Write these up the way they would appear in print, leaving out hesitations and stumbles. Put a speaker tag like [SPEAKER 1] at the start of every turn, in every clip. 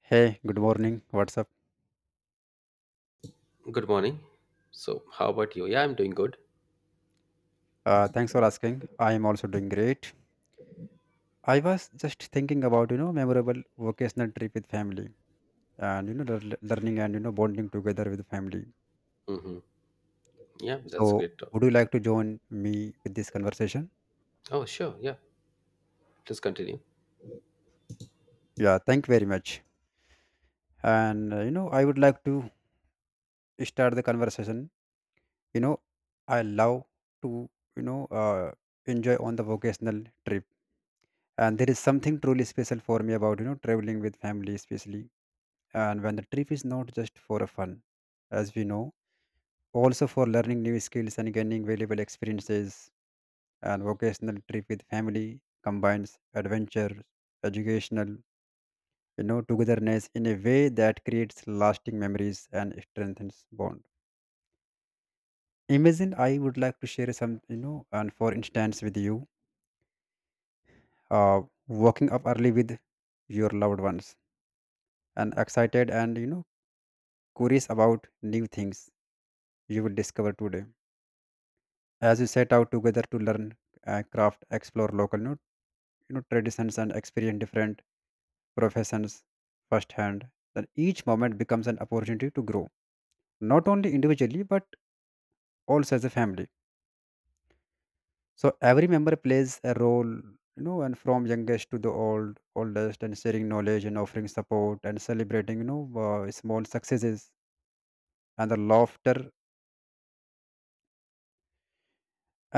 [SPEAKER 1] Hey, good morning. What's up?
[SPEAKER 2] Good morning. So, how about you? Yeah, I'm doing good.
[SPEAKER 1] Thanks for asking. I am also doing great. I was just thinking about memorable vocational trip with family and learning and bonding together with family.
[SPEAKER 2] Mm-hmm. Yeah, that's
[SPEAKER 1] So
[SPEAKER 2] great. Talk.
[SPEAKER 1] would you like to join me with this conversation?
[SPEAKER 2] Oh, sure. Yeah, please continue.
[SPEAKER 1] Yeah, thank you very much. And I would like to start the conversation. You know I love to you know uh, enjoy on the vocational trip, and there is something truly special for me about traveling with family, especially and when the trip is not just for a fun as we know also for learning new skills and gaining valuable experiences and vocational trip with family combines adventure educational togetherness in a way that creates lasting memories and strengthens bond. Imagine, I would like to share some and for instance with you, uh, waking up early with your loved ones and excited and curious about new things you will discover today as you set out together to learn craft, explore local, traditions and experience different professions firsthand. Then each moment becomes an opportunity to grow not only individually but also as a family. So every member plays a role, and from youngest to the oldest, and sharing knowledge and offering support and celebrating small successes and the laughter.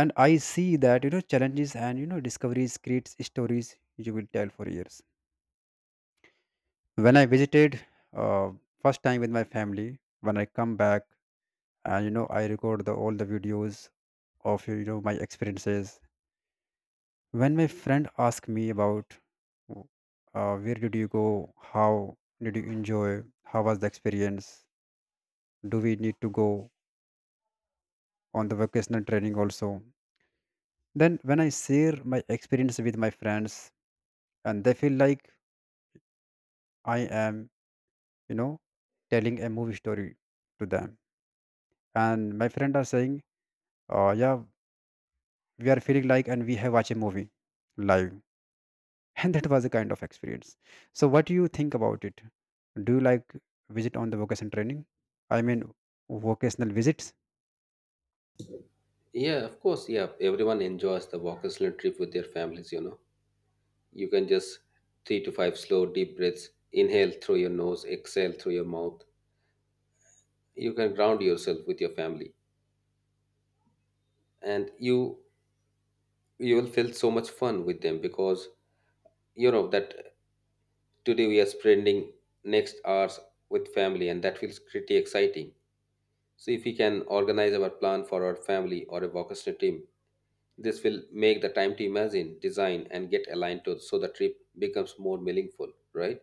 [SPEAKER 1] And I see that challenges and discoveries creates stories you will tell for years. When I visited, uh, first time with my family, when I come back, and you know I record the all the videos of my experiences. When my friend asked me about, w- where did you go, how did you enjoy, how was the experience, do we need to go on the vocational training also? Then when I share my experience with my friends, and they feel like I am, you know telling a movie story to them. And my friend are saying, oh yeah, we are feeling like and we have watched a movie live, and that was a kind of experience. So what do you think about it? Do you like visit on the vocation training, I mean vocational visits?
[SPEAKER 2] Yeah, of course. Yeah, everyone enjoys the walk and trip with their families. You know, you can just three to five slow, deep breaths. Inhale through your nose, exhale through your mouth. You can ground yourself with your family, and you will feel so much fun with them because you know that today we are spending next hours with family, and that feels pretty exciting. So if we can organize our plan for our family or a vocational team, this will make the time to imagine, design, and get aligned to so the trip becomes more meaningful, right?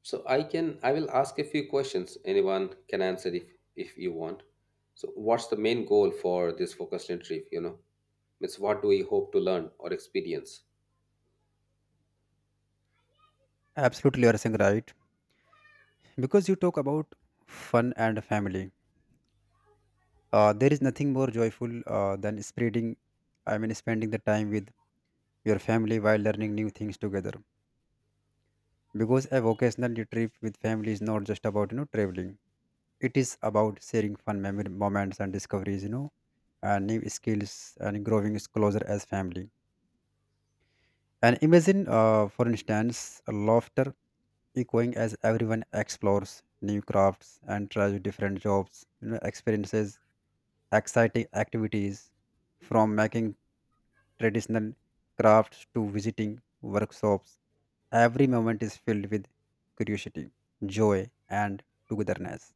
[SPEAKER 2] So I will ask a few questions. Anyone can answer if you want. So what's the main goal for this vocational trip, you know? Means what do we hope to learn or experience?
[SPEAKER 1] Absolutely, you are saying right. Because you talk about fun and family, there is nothing more joyful than spreading I mean spending the time with your family while learning new things together. Because a vocational trip with family is not just about traveling, it is about sharing fun memory moments and discoveries, and new skills and growing is closer as family. And imagine, for instance, a laughter echoing as everyone explores new crafts and tries different jobs, experiences exciting activities from making traditional crafts to visiting workshops. Every moment is filled with curiosity, joy, and togetherness.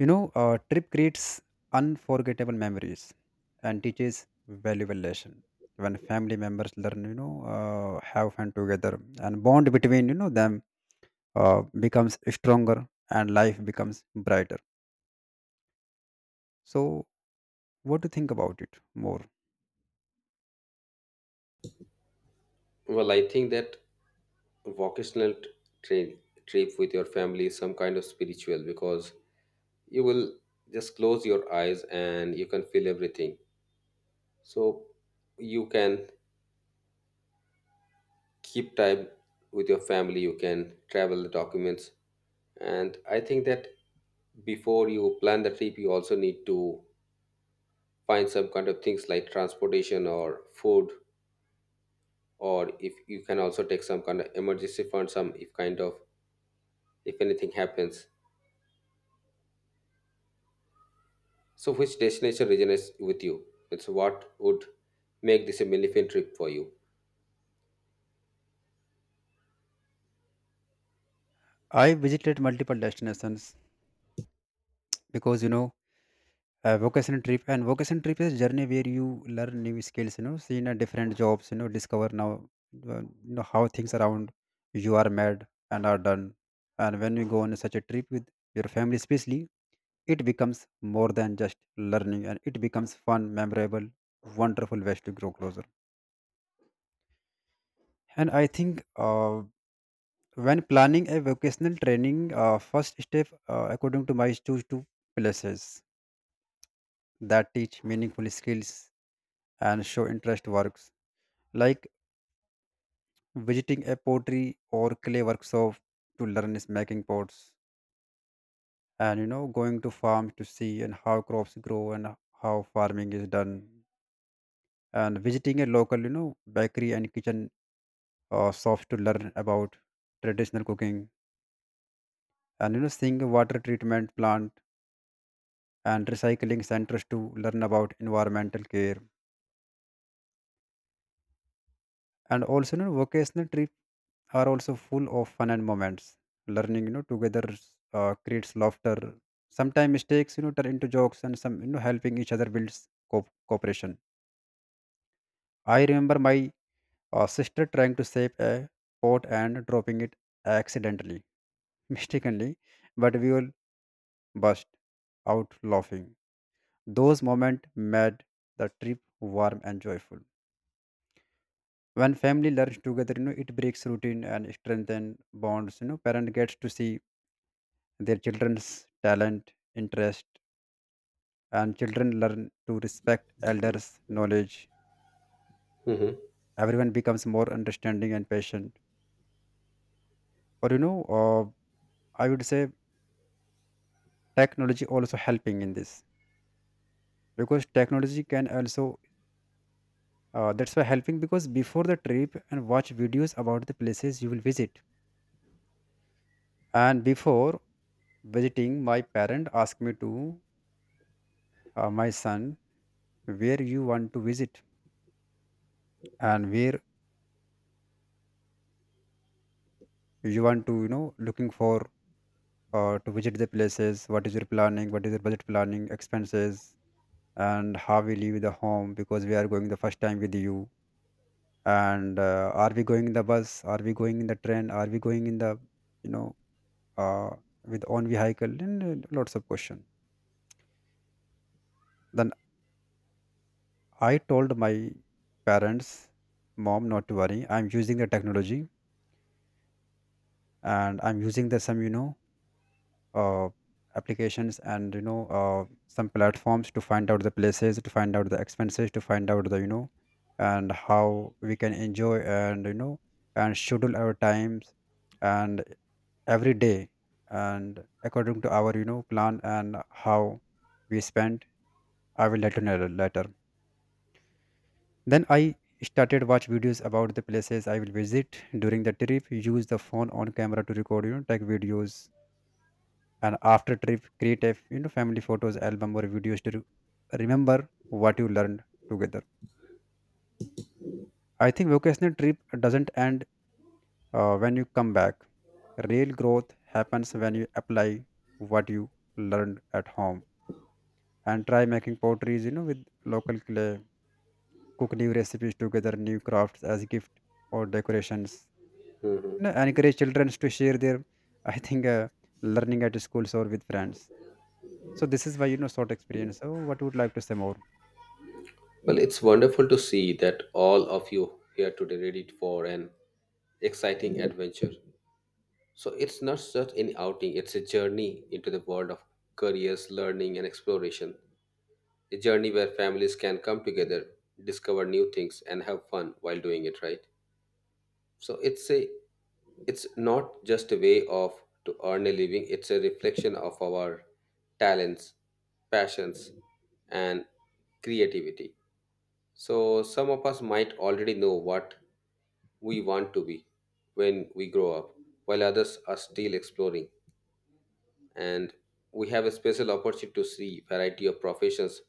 [SPEAKER 1] You know, a trip creates unforgettable memories and teaches valuable lesson. When family members learn, have fun together and bond between, them becomes stronger and life becomes brighter. So, what do you think about it more?
[SPEAKER 2] Well, I think that vocational t- tra- trip with your family is some kind of spiritual because you will just close your eyes and you can feel everything, so you can keep time with your family, you can travel the documents. And I think that before you plan the trip you also need to find some kind of things like transportation or food, or if you can also take some kind of emergency fund, some if kind of if anything happens. So which destination resonates with you? It's what would make this a meaningful trip for you.
[SPEAKER 1] I visited multiple destinations because, vocation trip, and vocation trip is journey where you learn new skills, see in a different jobs, discover now, how things around you are made and are done. And when you go on such a trip with your family, especially, it becomes more than just learning, and it becomes fun, memorable, wonderful ways to grow closer. And I think, when planning a vocational training, first step, according to my, choose two places that teach meaningful skills and show interest works, like visiting a pottery or clay workshop to learn is making pots, and going to farm to see and how crops grow and how farming is done, and visiting a local, bakery and kitchen, shops to learn about traditional cooking, and seeing a water treatment plant and recycling centers to learn about environmental care. And also, vocational trips are also full of fun and moments. Learning, together creates laughter. Sometimes mistakes, turn into jokes, and some, helping each other builds cooperation. I remember my, sister trying to save a pot and dropping it accidentally, mistakenly, but we all burst out laughing. Those moments made the trip warm and joyful. When family learns together, it breaks routine and strengthens bonds. You know, parent gets to see their children's talent, interest, and children learn to respect elders' knowledge.
[SPEAKER 2] Mhm.
[SPEAKER 1] Everyone becomes more understanding and patient. Or, I would say technology also helping in this, because technology can also, that's why helping, because before the trip and watch videos about the places you will visit. And before visiting, my parent asked me to, my son, where you want to visit and where you want to, looking for, to visit the places, what is your planning, what is your budget planning expenses, and how we leave the home, because we are going the first time with you. And are we going in the bus, are we going in the train, are we going in the, you know uh, with own vehicle? And lots of question. Then I told my parents, mom, not to worry, I'm using the technology, and I'm using the some, uh, applications, and some platforms to find out the places, to find out the expenses, to find out the, and how we can enjoy, and and schedule our times and every day. And according to our, plan and how we spend, I will let you know later. Then I started watch videos about the places I will visit during the trip, use the phone on camera to record, take videos, and after trip create a, family photos album or videos to remember what you learned together. I think vocational trip doesn't end when you come back. Real growth happens when you apply what you learned at home, and try making potteries, with local clay, cook new recipes together, new crafts as gift or decorations. You know, encourage children to share their I think, learning at schools or with friends. So this is why, short experience. So what would you like to say more?
[SPEAKER 2] Well, it's wonderful to see that all of you here today ready for an exciting adventure. So it's not just any outing, it's a journey into the world of careers, learning, and exploration. A journey where families can come together, discover new things, and have fun while doing it, right? So it's not just a way of to earn a living, it's a reflection of our talents, passions, and creativity. So, some of us might already know what we want to be when we grow up, while others are still exploring. And we have a special opportunity to see variety of professions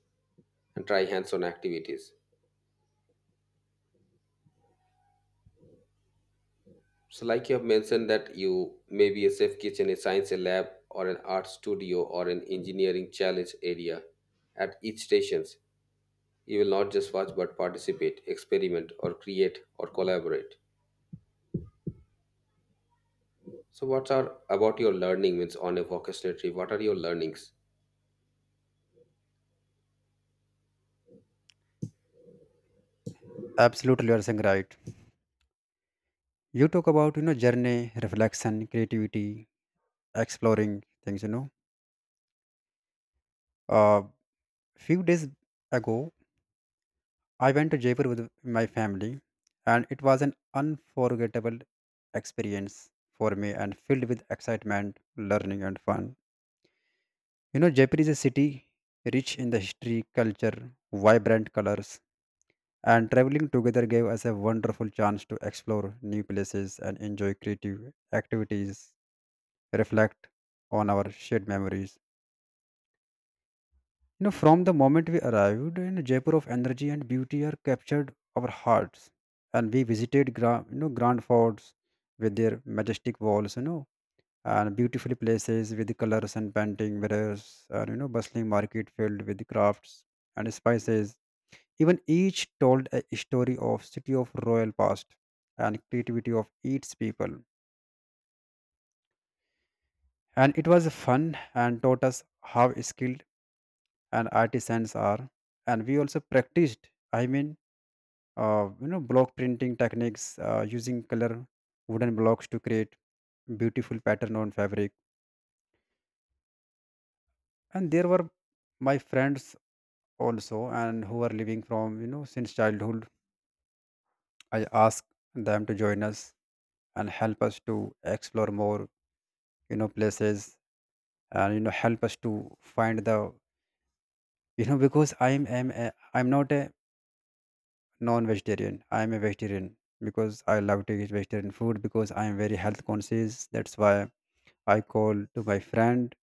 [SPEAKER 2] and try hands-on activities. So, like you have mentioned that you may be a safe kitchen, a science lab, or an art studio, or an engineering challenge area at each stations. You will not just watch but participate, experiment, or create or collaborate. So, what's are about your learning means on a vocational trip? What are your learnings?
[SPEAKER 1] Absolutely, you're saying right. You talk about journey, reflection, creativity, exploring things. You know, uh, few days ago, I went to Jaipur with my family, and it was an unforgettable experience for me and filled with excitement, learning, and fun. You know, Jaipur is a city rich in the history, culture, vibrant colors, and traveling together gave us a wonderful chance to explore new places and enjoy creative activities, reflect on our shared memories. You know, from the moment we arrived, in Jaipur of energy and beauty are captured our hearts, and we visited grand forts with their majestic walls, you know, and beautifully places with the colors and painting mirrors, and you know, bustling market filled with crafts and spices. Even each told a story of city of royal past and creativity of its people. And it was fun and taught us how skill and artisans are. And we also practiced, i mean block printing techniques, using color wooden blocks to create beautiful pattern on fabric. And there were my friends also, and who were living from, since childhood. I asked them to join us and help us to explore more, places, and help us to find the, because I'm not a non-vegetarian. I am a vegetarian because I love to eat vegetarian food, because I am very health conscious. That's why I call to my friend,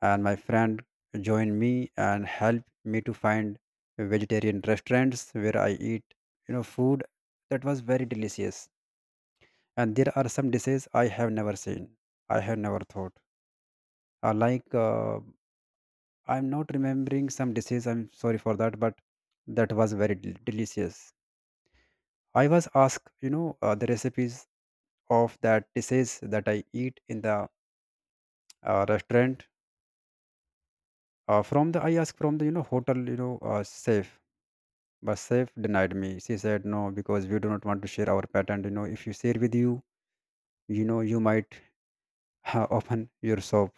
[SPEAKER 1] and my friend join me and help me to find vegetarian restaurants where I eat, you know, food that was very delicious. And there are some dishes I have never seen. I have never thought. Uh, like uh, I'm not remembering some dishes. I'm sorry for that, but that was very delicious. I was asked, the recipes of that dishes that I eat in the, restaurant. From the I asked from the, hotel, chef, but chef denied me. She said no, because we do not want to share our patent. You know, if you share with you, you know you might, open your shop.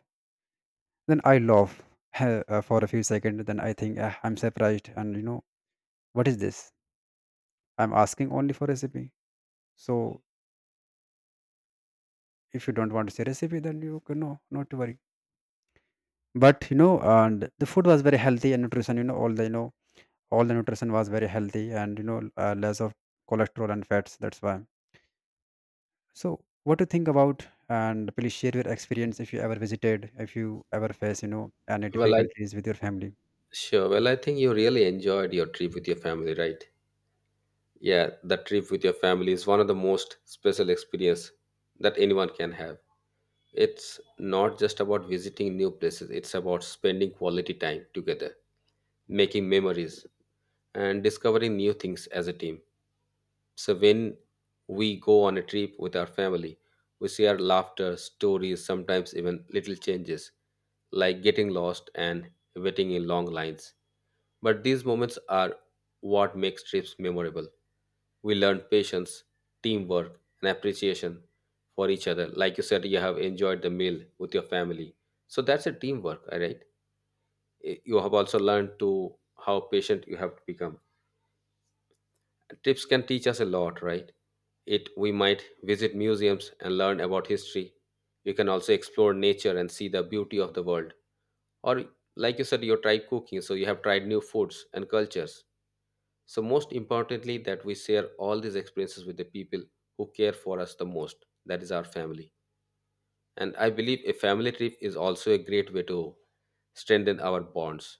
[SPEAKER 1] Then I laugh for a few seconds. Then I think, "Ah, I'm surprised, and you know, what is this? I'm asking only for recipe. So if you don't want to share recipe, then you can not to worry. But you know, and the food was very healthy and nutrition, all the, all the nutrition was very healthy, and less of cholesterol and fats, that's why. So what do you think about, and please share your experience, if you ever visited, if you ever face, any
[SPEAKER 2] Well, I
[SPEAKER 1] difficulties with your family?
[SPEAKER 2] sure. Well, I think you really enjoyed your trip with your family, right? Yeah, the trip with your family is one of the most special experience that anyone can have. It's not just about visiting new places; it's about spending quality time together, making memories, and discovering new things as a team. So when we go on a trip with our family, we share laughter, stories, sometimes even little changes, like getting lost and waiting in long lines. But these moments are what makes trips memorable. We learn patience, teamwork, and appreciation for each other. Like you said, you have enjoyed the meal with your family. So that's a teamwork, all right? You have also learned to how patient you have to become. Trips can teach us a lot, right? It we might visit museums and learn about history. You can also explore nature and see the beauty of the world. Or like you said, you tried cooking, so you have tried new foods and cultures. So most importantly, that we share all these experiences with the people who care for us the most. That is our family. And I believe a family trip is also a great way to strengthen our bonds.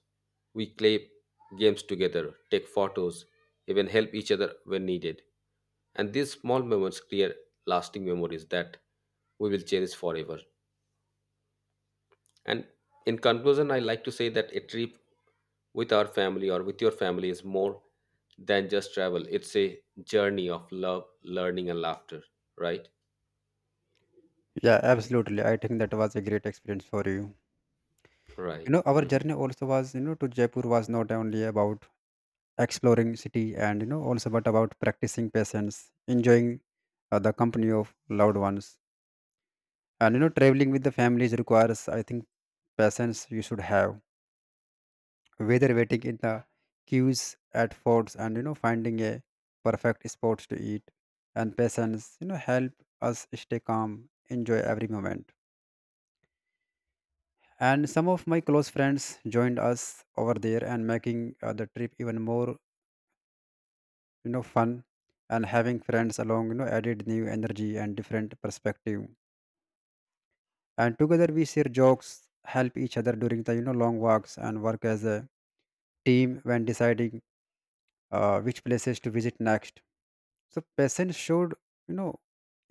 [SPEAKER 2] We play games together, take photos, even help each other when needed. And these small moments create lasting memories that we will cherish forever. And in conclusion, I like to say that a trip with our family or with your family is more than just travel. It's a journey of love, learning, and laughter, right?
[SPEAKER 1] Yeah, absolutely, I think that was a great experience for you. You
[SPEAKER 2] Right.
[SPEAKER 1] know, our
[SPEAKER 2] Hmm.
[SPEAKER 1] journey also was, to Jaipur was not only about exploring city, and also, but about practicing patience, enjoying, the company of loved ones. And traveling with the families requires, I think, patience you should have, whether waiting in the queues at forts, and finding a perfect spot to eat. And patience, help us stay calm, enjoy every moment. And some of my close friends joined us over there, and making, the trip even more, fun. And having friends along, added new energy and different perspective. And together we share jokes, help each other during the, long walks, and work as a team when deciding, which places to visit next. So patience showed, you know,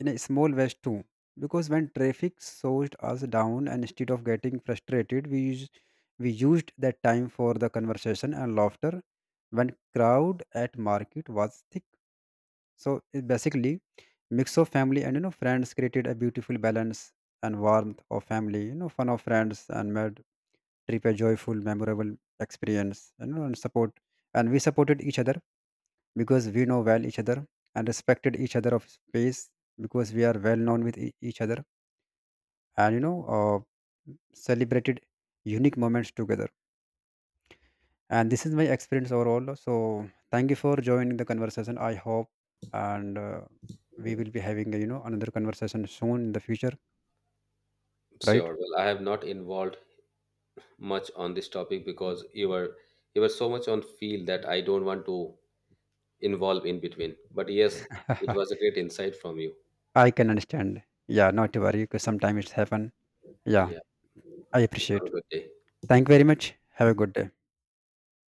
[SPEAKER 1] in a small ways too. Because when traffic slowed us down, and instead of getting frustrated, we used that time for the conversation and laughter. When crowd at market was thick, so it basically mix of family and, friends, created a beautiful balance and warmth of family. You know, fun of friends and made trip a joyful, memorable experience. You know, and support, and we supported each other, because we know well each other, and respected each other of space, because we are well known with each other. And celebrated unique moments together. And this is my experience overall, so thank you for joining the conversation. I hope, and we will be having, another conversation soon in the future. Right.
[SPEAKER 2] Sure. Well, I have not involved much on this topic because you were so much on field that I don't want to involve in between. But yes, it was a great insight from you.
[SPEAKER 1] I can understand. Yeah, not to worry, because sometimes it's happen. Yeah,
[SPEAKER 2] Yeah.
[SPEAKER 1] I
[SPEAKER 2] Have
[SPEAKER 1] appreciate.
[SPEAKER 2] a good day.
[SPEAKER 1] Thank you very much. Have a good day.